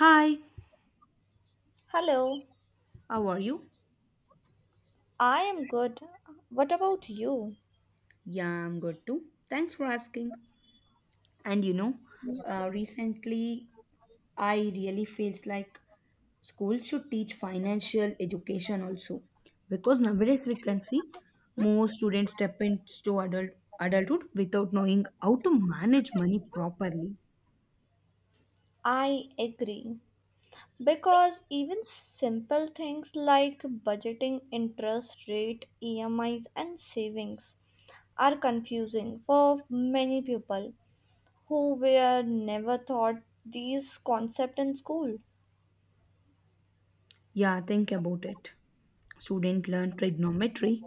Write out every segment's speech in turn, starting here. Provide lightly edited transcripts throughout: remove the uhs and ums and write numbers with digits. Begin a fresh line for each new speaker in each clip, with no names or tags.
Hi,
Hello,
how are you?
I am good. What about you?
Yeah, I'm good too. Thanks for asking. And you know, Recently I really feels like schools should teach financial education also, because nowadays we can see more students step into adulthood without knowing how to manage money properly.
I agree. Because even simple things like budgeting interest rate, EMIs, and savings are confusing for many people who were never taught these concepts in school.
Yeah, think about it. Students learn trigonometry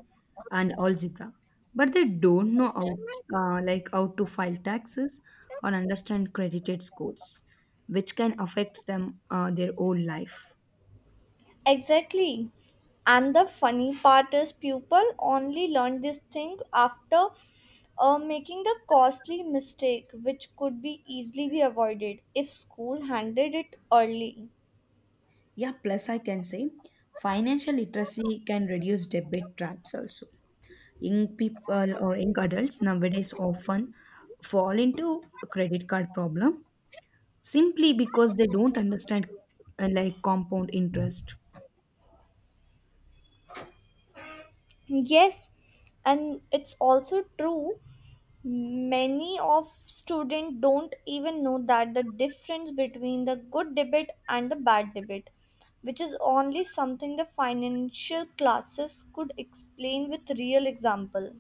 and algebra, but they don't know how to file taxes or understand credited scores, which can affect them, their whole life.
Exactly. And the funny part is, people only learn this thing after making the costly mistake which could be easily be avoided if school handled it early.
Yeah, plus I can say financial literacy can reduce debit traps also. Young people or young adults nowadays often fall into a credit card problem simply because they don't understand compound interest.
Yes, and it's also true, many of students don't even know that the difference between the good debate and the bad debate, which is only something the financial classes could explain with real example.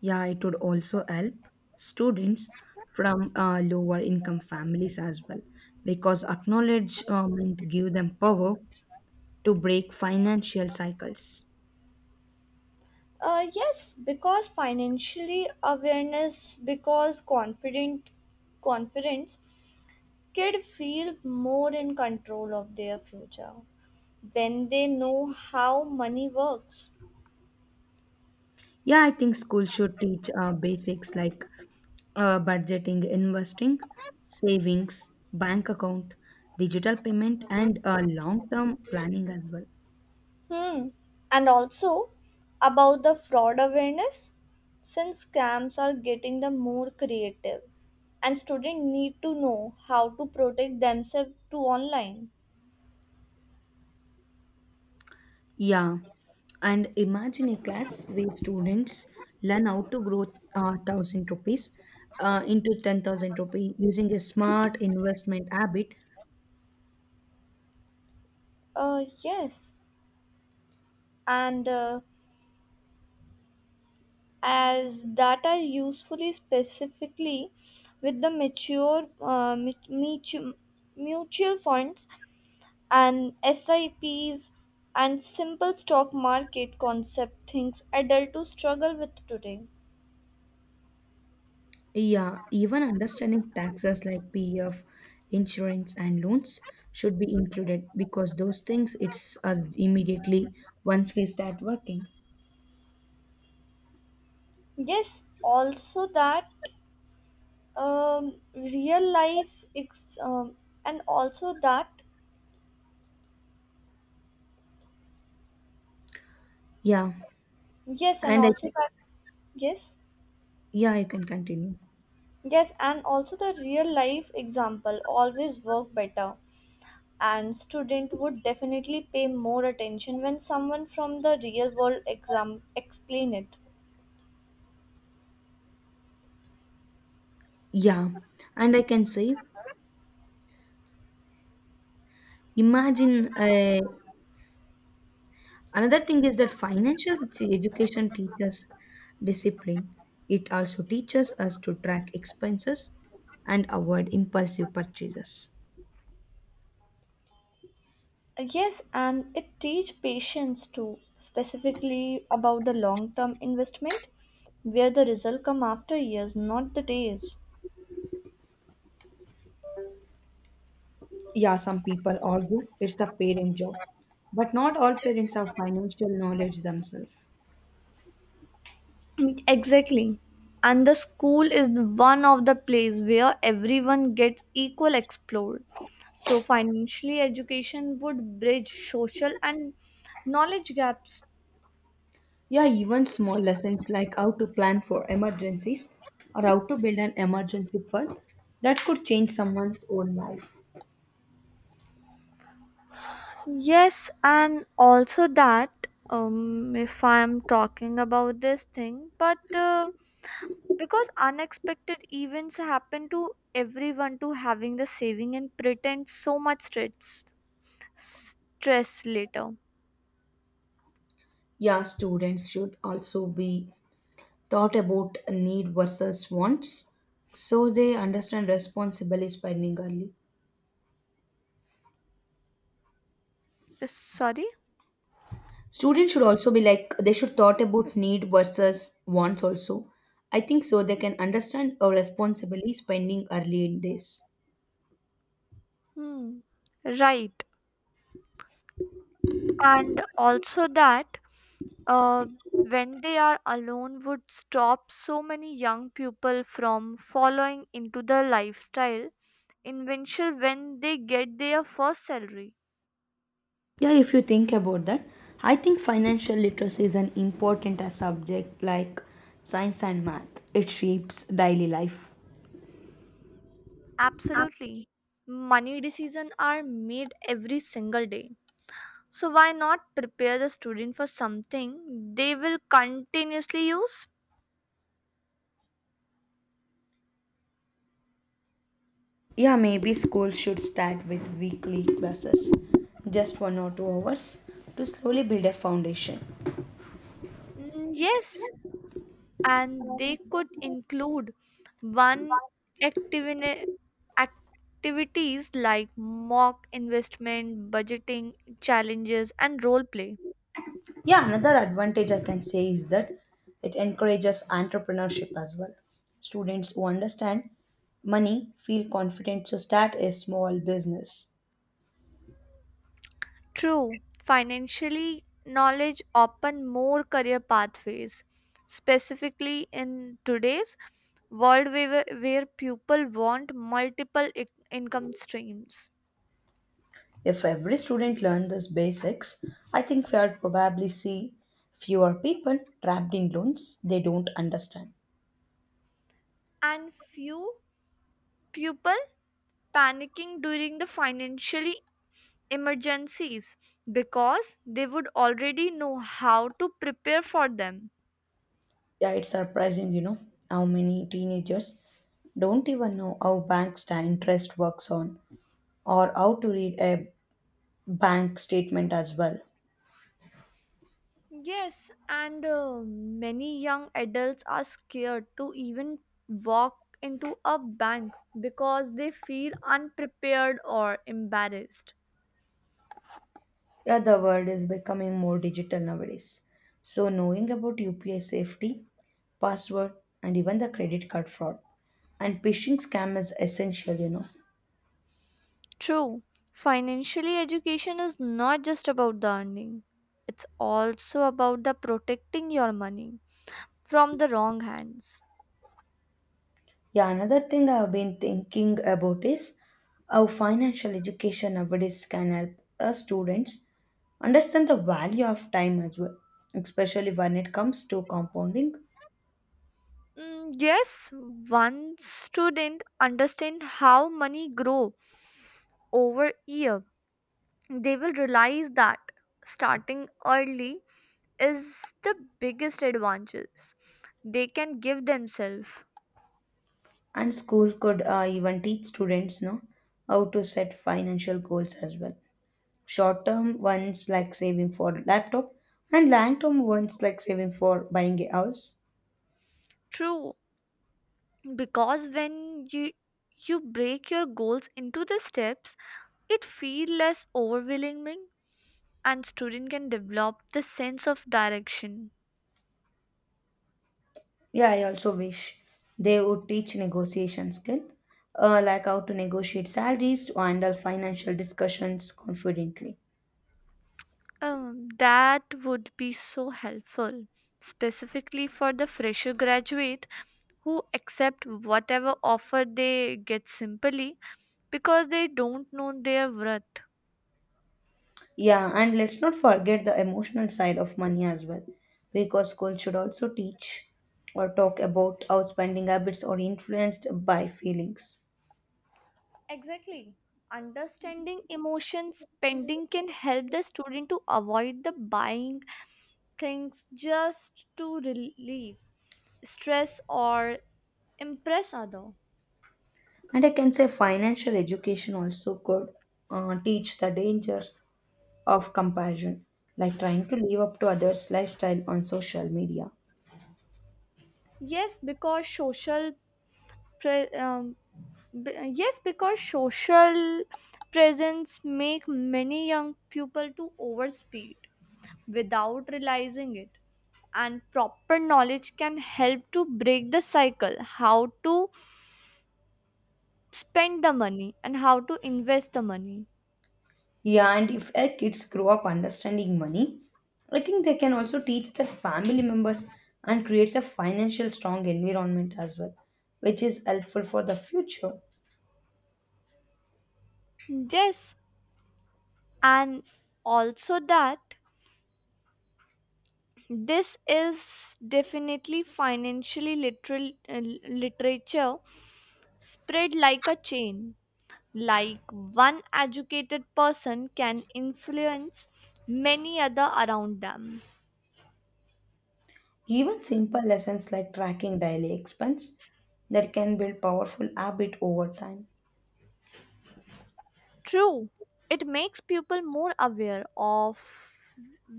Yeah, it would also help students from lower income families as well, because acknowledgement give them power to break financial cycles.
Uh, yes because financially awareness because confident confidence kids feel more in control of their future when they know how money works.
Yeah, I think schools should teach basics like budgeting, investing, savings, bank account, digital payment, and long term planning as well.
Hmm. And also about the fraud awareness, since scams are getting the more creative, and students need to know how to protect themselves to online.
Yeah, and imagine a class where students learn how to grow 1,000 rupees into 10,000 rupees using a smart investment habit.
Yes, and as that are usefully specifically with the mature mutual funds and SIPs and simple stock market concept things adult to struggle with today.
Yeah, even understanding taxes like PF, insurance, and loans should be included, because those things it's us immediately once we start working.
Yes, also that real life ex- and also that
Yeah,
yes and
and I,
also that yes
yeah, you can continue.
yes, and also the real life example always work better, and student would definitely pay more attention when someone from the real world exam explain it.
Yeah, and I can say, imagine a another thing is that financial education teaches discipline. It also teaches us to track expenses and avoid impulsive purchases.
Yes, and it teach patience too, specifically about the long-term investment, where the result come after years, not the days.
Yeah, some people argue it's the parent job, but not all parents have financial knowledge themselves.
Exactly. And the school is one of the place where everyone gets equal explored. So financially education would bridge social and knowledge gaps.
Yeah, even small lessons like how to plan for emergencies or how to build an emergency fund, that could change someone's own life.
Yes, and also that, if I'm talking about this thing, but because unexpected events happen to everyone to having the saving and pretend so much stress later.
Yeah, students should also be thought about need versus wants so they understand responsible spending early.
Sorry.
Students should also be like they should thought about need versus wants also, I think, so they can understand or responsibly spending early in days.
Hmm. Right, and also that, uh, when they are alone would stop so many young people from following into the lifestyle invention when they get their first salary.
Yeah, if you think about that, I think financial literacy is an important subject like science and math. It shapes daily life.
Absolutely, money decisions are made every single day. So, why not prepare the student for something they will continuously use?
Yeah, maybe school should start with weekly classes, just 1 or 2 hours to slowly build a foundation.
Mm, yes, and they could include one activity activities like mock investment, budgeting challenges, and role play.
Yeah, another advantage I can say is that it encourages entrepreneurship as well. Students who understand money feel confident to start a small business.
True, financially knowledge open more career pathways, specifically in today's world where people want multiple income streams.
If every student learned these basics, I think we would probably see fewer people trapped in loans they don't understand.
And few people panicking during the financial emergencies because they would already know how to prepare for them.
Yeah, it's surprising, you know, how many teenagers don't even know how interest works on or how to read a bank statement as well.
Yes, and many young adults are scared to even walk into a bank because they feel unprepared or embarrassed.
Yeah, the world is becoming more digital nowadays. So knowing about UPI safety, password, and even the credit card fraud and phishing scam is essential, you know.
True, financially education is not just about the earning, it's also about the protecting your money from the wrong hands.
Yeah, another thing I've been thinking about is how financial education nowadays can help us students understand the value of time as well, especially when it comes to compounding.
Mm, yes, one student understand how money grow over year. They will realize that starting early is the biggest advantages they can give themselves.
And school could even teach students know how to set financial goals as well. Short term ones like saving for laptop, and long term ones like saving for buying a house.
True, because when you break your goals into the steps, it feel less overwhelming and student can develop the sense of direction.
Yeah, I also wish they would teach negotiation skill, like how to negotiate salaries, to handle financial discussions confidently.
That would be so helpful, specifically for the fresher graduate who accept whatever offer they get simply because they don't know their worth.
Yeah, and let's not forget the emotional side of money as well, because school should also teach or talk about how spending habits are influenced by feelings.
Exactly. Understanding emotion spending can help the student to avoid the buying things just to relieve stress or impress other.
And I can say financial education also could teach the danger of comparison, like trying to live up to others' lifestyle on social media.
Yes, because social pre- b- yes, because social presence make many young people to overspeed without realizing it, and proper knowledge can help to break the cycle how to spend the money and how to invest the money.
Yeah, and if our kids grow up understanding money, I think they can also teach their family members and creates a financial strong environment as well, which is helpful for the future.
Yes, and also that, this is definitely financially literal uh, literature spread like a chain, like one educated person can influence many other around them.
Even simple lessons like tracking daily expense, that can build powerful habit over time.
True, it makes people more aware of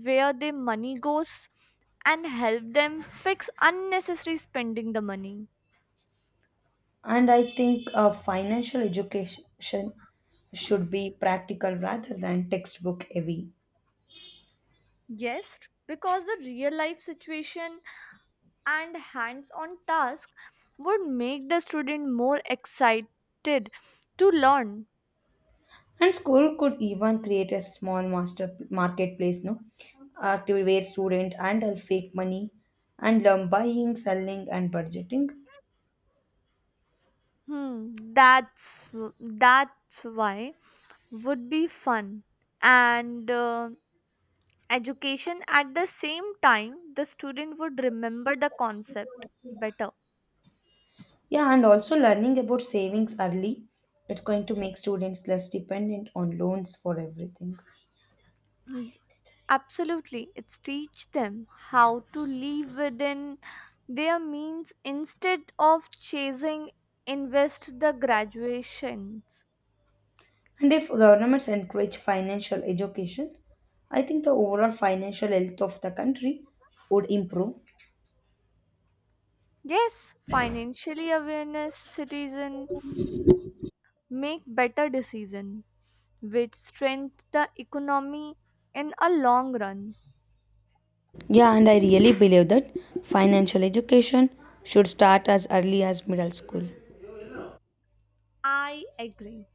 where their money goes and help them fix unnecessary spending the money.
And I think financial education should be practical rather than textbook heavy.
Yes, because the real life situation and hands on task would make the student more excited to learn.
And school could even create a small master marketplace, no, activity where student handle fake money and learn buying, selling, and budgeting.
Hmm, that's why would be fun and education at the same time the student would remember the concept better.
Yeah, and also learning about savings early, it's going to make students less dependent on loans for everything.
Mm, absolutely, it's teach them how to live within their means instead of chasing invest the graduations.
And if governments encourage financial education, I think the overall financial health of the country would improve.
Yes, financially awareness citizen make better decision which strength the economy in a long run.
Yeah, and I really believe that financial education should start as early as middle school.
I agree,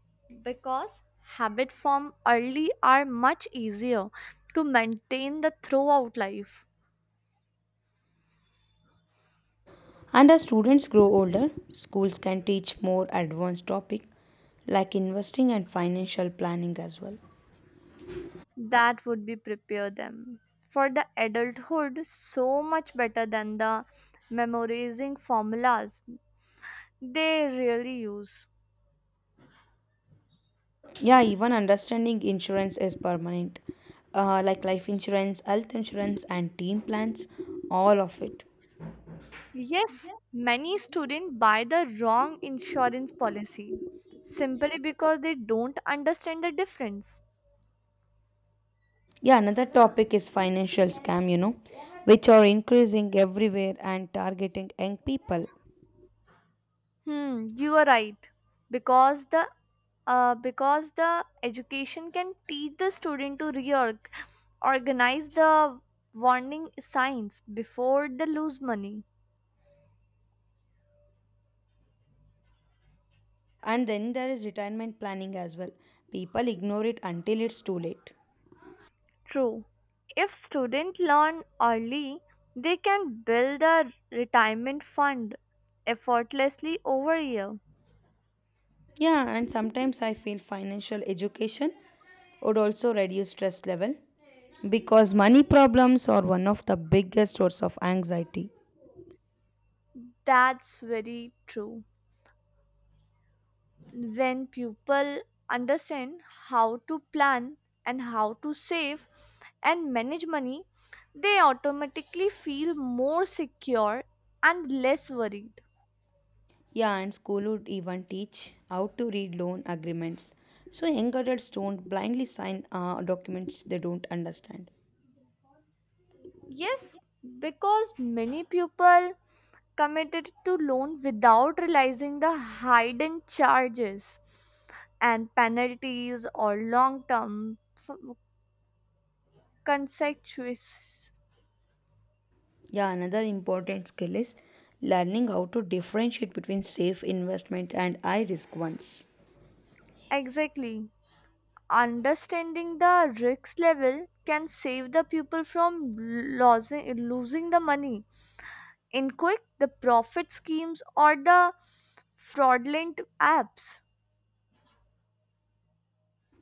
because habit form early are much easier to maintain the throughout life.
And as students grow older, schools can teach more advanced topics like investing and financial planning as well.
That would be prepare them for the adulthood so much better than the memorizing formulas they really use.
Yeah, even understanding insurance is permanent, like life insurance, health insurance, and team plans, all of it.
Yes, many students buy the wrong insurance policy simply because they don't understand the difference.
Yeah, another topic is financial scam, you know, which are increasing everywhere and targeting young people.
Hmm, you are right, because the because the education can teach the student to reorganize the warning signs before they lose money.
And then there is retirement planning as well. People ignore it until it's too late.
True. If students learn early, they can build a retirement fund effortlessly over a year.
Yeah, and sometimes I feel financial education would also reduce stress level, because money problems are one of the biggest source of anxiety.
That's very true. When people understand how to plan and how to save and manage money, they automatically feel more secure and less worried.
Yeah, and school would even teach how to read loan agreements, so young adults don't blindly sign documents they don't understand.
Yes, because many people committed to loan without realizing the hidden charges and penalties or long term consequences.
Yeah, another important skill is learning how to differentiate between safe investment and high risk ones.
Exactly. Understanding the risk level can save the people from losing the money in quick the profit schemes or the fraudulent apps.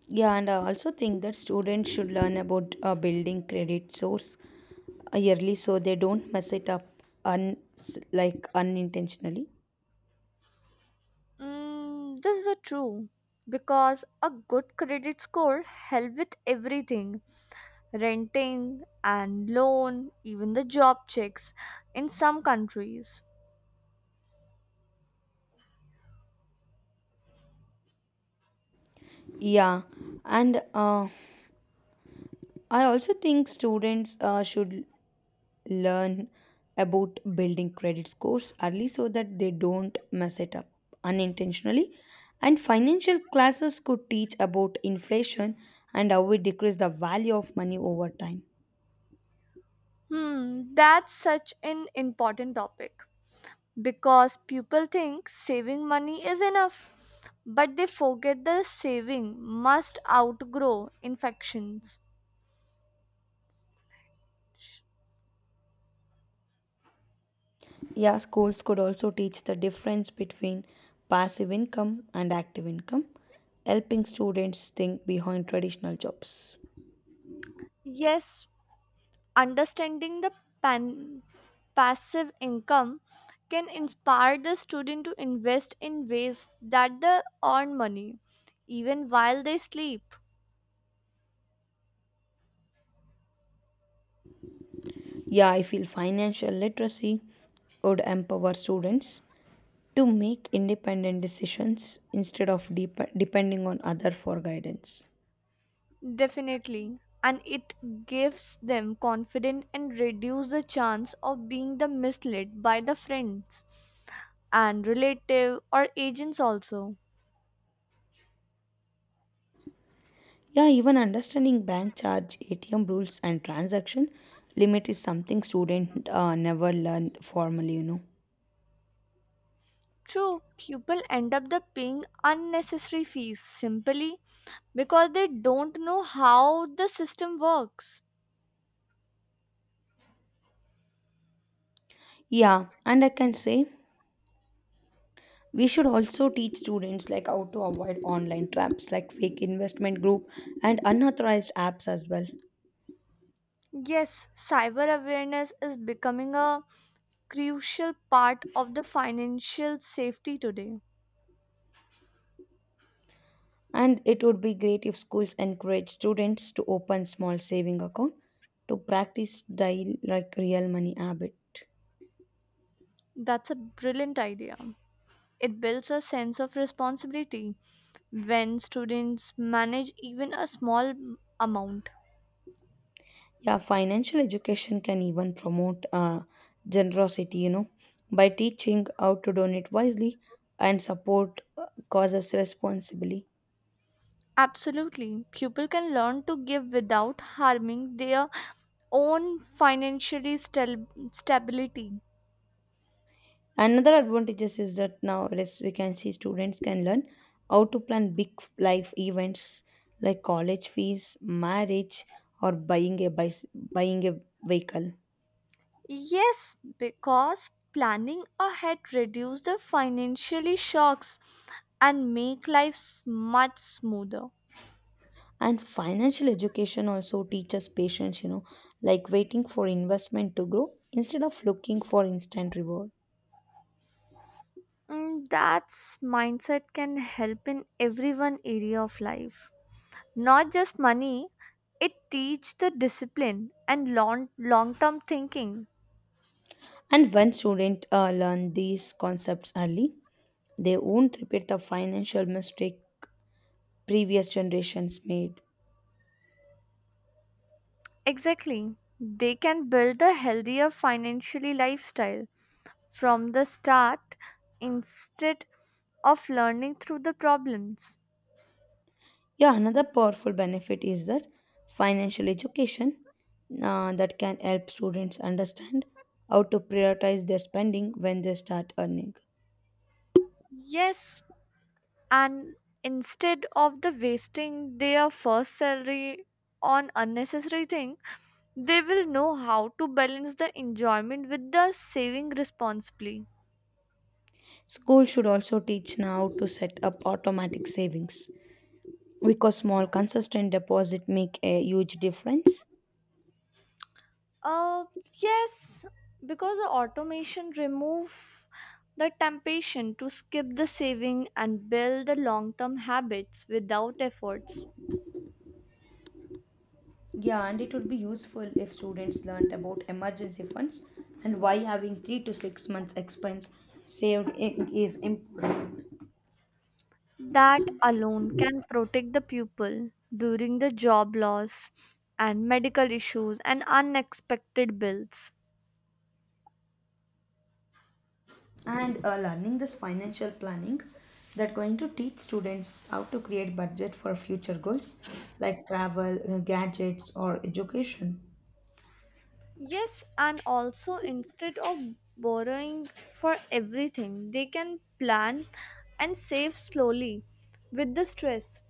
Yeah, and I also think that students should learn about building credit source yearly so they don't mess it up un s- like unintentionally.
Mm, this is a true, because a good credit score help with everything, renting and loan even the job checks in some countries.
Yeah, and I also think students should learn about building credit scores early so that they don't mess it up unintentionally. And financial classes could teach about inflation and how we decrease the value of money over time.
Hmm, that's such an important topic, because people think saving money is enough, but they forget the saving must outgrow infections.
Yeah, schools could also teach the difference between passive income and active income, helping students think behind traditional jobs.
Yes, understanding the pan- passive income can inspire the student to invest in ways that they earn money even while they sleep.
Yeah, I feel financial literacy would empower students to make independent decisions instead of depending on other for guidance.
Definitely. And it gives them confidence and reduce the chance of being the misled by the friends and relative or agents also.
Yeah, even understanding bank charge, ATM rules, and transaction limit is something student never learned formally, you know.
True, people end up the paying unnecessary fees simply because they don't know how the system works.
Yeah, and I can say we should also teach students like how to avoid online traps like fake investment group and unauthorized apps as well.
Yes, cyber awareness is becoming a crucial part of the financial safety today.
And it would be great if schools encourage students to open small saving account to practice daily like real money habit.
That's a brilliant idea. It builds a sense of responsibility when students manage even a small amount.
Yeah, financial education can even promote generosity, you know, by teaching how to donate wisely and support causes responsibly.
Absolutely, pupil can learn to give without harming their own financially stability.
Another advantages is that nowadays we can see students can learn how to plan big life events like college fees, marriage, or buying a vehicle.
Yes, because planning ahead reduces the financially shocks and make life much smoother.
And financial education also teaches patience, you know, like waiting for investment to grow instead of looking for instant reward.
Mm, that's mindset can help in every one area of life. Not just money, it teach the discipline and long-term thinking.
And when students learn these concepts early, they won't repeat the financial mistake previous generations made.
Exactly. They can build a healthier financially lifestyle from the start instead of learning through the problems.
Yeah, another powerful benefit is that financial education that can help students understand how to prioritize their spending when they start earning.
Yes, and instead of the wasting their first salary on unnecessary thing. They will know how to balance the enjoyment with the saving responsibly.
Schools should also teach now to set up automatic savings, because small consistent deposit make a huge difference.
Uh, yes, because the automation remove the temptation to skip the saving and build the long-term habits without efforts.
Yeah, and it would be useful if students learned about emergency funds and why having 3 to 6 months expense is important.
That alone can protect the pupil during the job loss and medical issues and unexpected bills.
And learning this financial planning that going to teach students how to create budget for future goals like travel gadgets or education.
Yes, and also instead of borrowing for everything, they can plan and save slowly with the stress.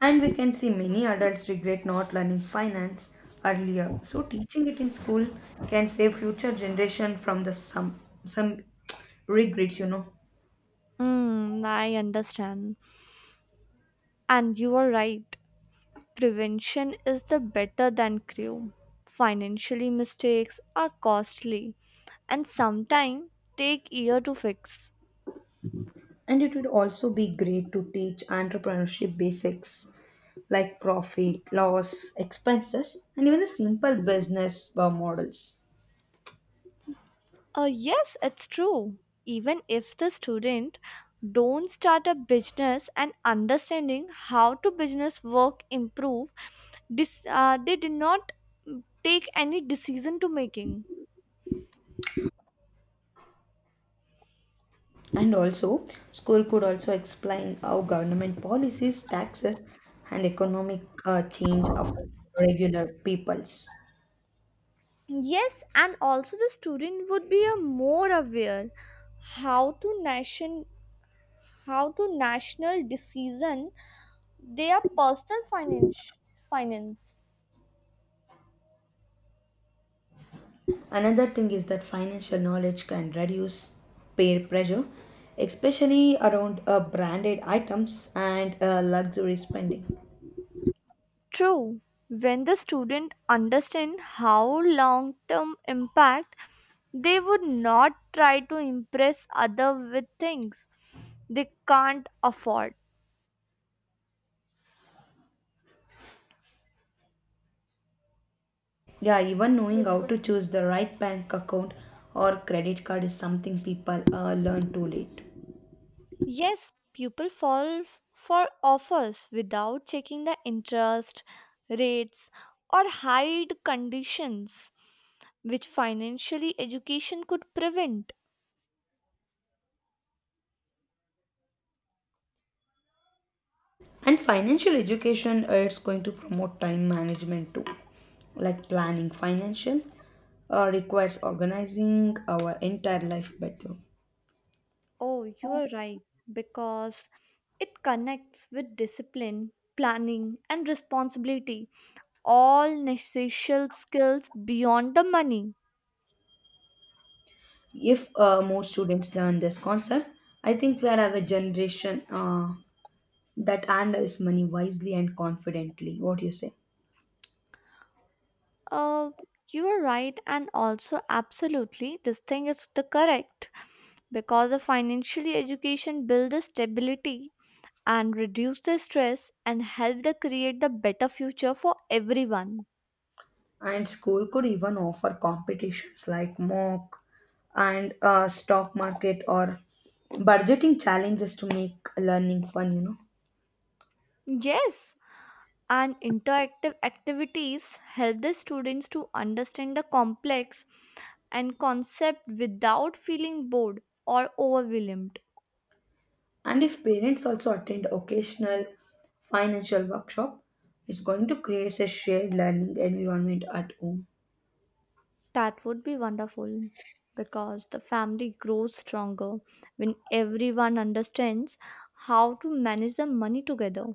And we can see many adults regret not learning finance earlier, so teaching it in school can save future generation from the some regrets, you know.
Mm, I understand. And you are right. Prevention is the better than cure. Financially mistakes are costly and sometimes take year to fix.
And it would also be great to teach entrepreneurship basics like profit loss expenses and even the simple business models.
Yes, it's true. Even if the student don't start a business and understanding how to business work improve, this they did not, mm, take any decision to making.
And also, school could also explain how government policies, taxes, and economic change affects regular peoples.
Yes, and also the student would be a more aware how to nation how to national decision their personal finance.
Another thing is that financial knowledge can reduce peer pressure, especially around branded items and luxury spending.
True, when the student understand how long term impact, they would not try to impress other with things they can't afford.
Yeah, even knowing how to choose the right bank account or credit card is something people learn too late.
Yes, people fall for offers without checking the interest rates or hide conditions which financially education could prevent.
And financial education, it's going to promote time management too, like planning financial requires organizing our entire life better.
Oh, you are right, because it connects with discipline, planning, and responsibility, all necessary skills beyond the money.
If more students learn this concept, I think we'll have a generation that handles money wisely and confidently. What do you say?
Uh, you are right, and also absolutely, this thing is the correct, because a financial education builds the stability and reduce the stress and help the create the better future for everyone.
And school could even offer competitions like mock and stock market or budgeting challenges to make learning fun, you know.
Yes, and interactive activities help the students to understand the complex and concept without feeling bored or overwhelmed.
And if parents also attend occasional financial workshop, it's going to create a shared learning environment at home.
That would be wonderful, because the family grows stronger when everyone understands how to manage the money together.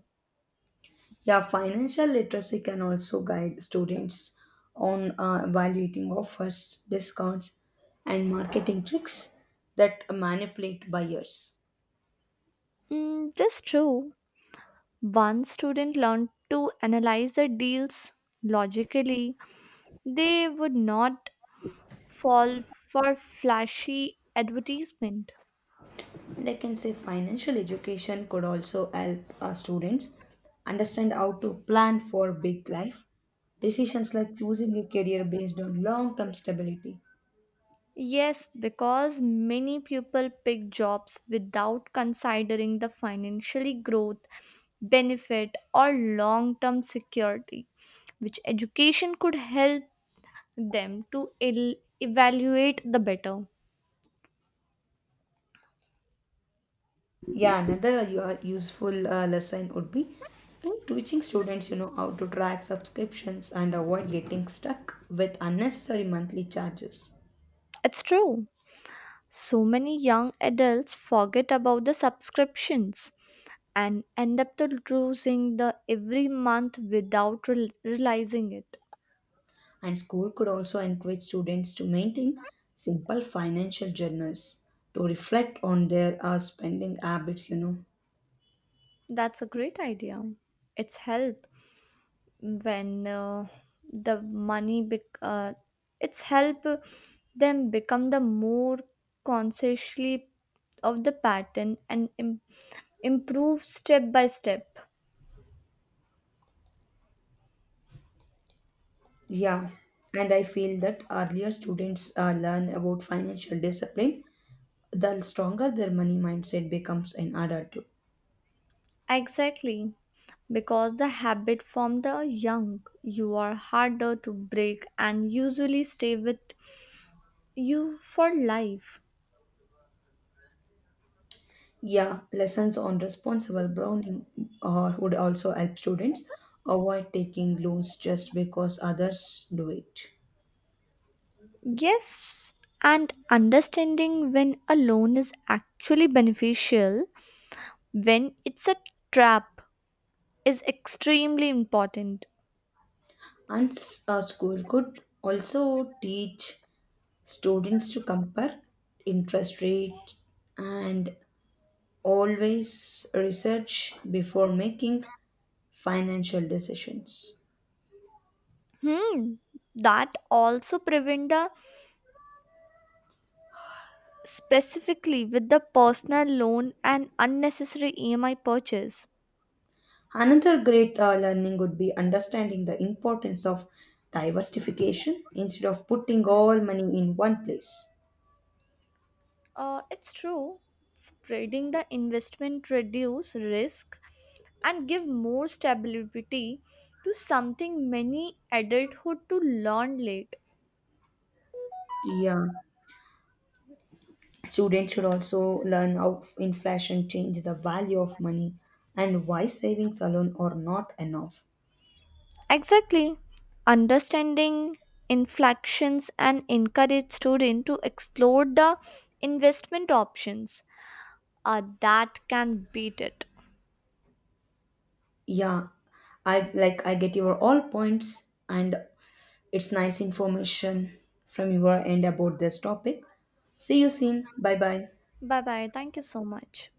Yeah, financial literacy can also guide students on evaluating offers, discounts, and marketing tricks that manipulate buyers.
Mm, that's true, one student learned to analyze the deals logically, they would not fall for flashy advertisement.
And I can say financial education could also help our students understand how to plan for big life decisions like choosing a career based on long term stability.
Yes, because many people pick jobs without considering the financially growth, benefit, or long term security, which education could help them to evaluate the better.
Yeah, another useful lesson would be teaching students, you know, how to track subscriptions and avoid getting stuck with unnecessary monthly charges.
It's true. So many young adults forget about the subscriptions and end up to losing the every month without realizing it.
And school could also encourage students to maintain simple financial journals to reflect on their spending habits, you know.
That's a great idea. It's help when uh, the money bec- uh, it's help them become the more consciously of the pattern and improve step by step.
Yeah, and I feel that earlier students learn about financial discipline, the stronger their money mindset becomes in adulthood.
Exactly, because the habit from the young you are harder to break and usually stay with you for life.
Yeah, lessons on responsible browning would also help students avoid taking loans just because others do it.
Yes, and understanding when a loan is actually beneficial, when it's a trap, is extremely important.
And a school could also teach students to compare interest rates and always research before making financial decisions.
Hmm. That also prevent the, specifically with the personal loan and unnecessary EMI purchase.
Another great learning would be understanding the importance of diversification instead of putting all money in one place.
It's true. Spreading the investment reduce risk and give more stability to something many adulthood to learn late.
Yeah, students should also learn how inflation change the value of money and why savings alone are not enough.
Exactly. Understanding inflections and encourage student to explore the investment options that can beat it.
Yeah, I like I get your all points and it's nice information from your end about this topic. See you soon. Bye bye.
Bye bye. Thank you so much.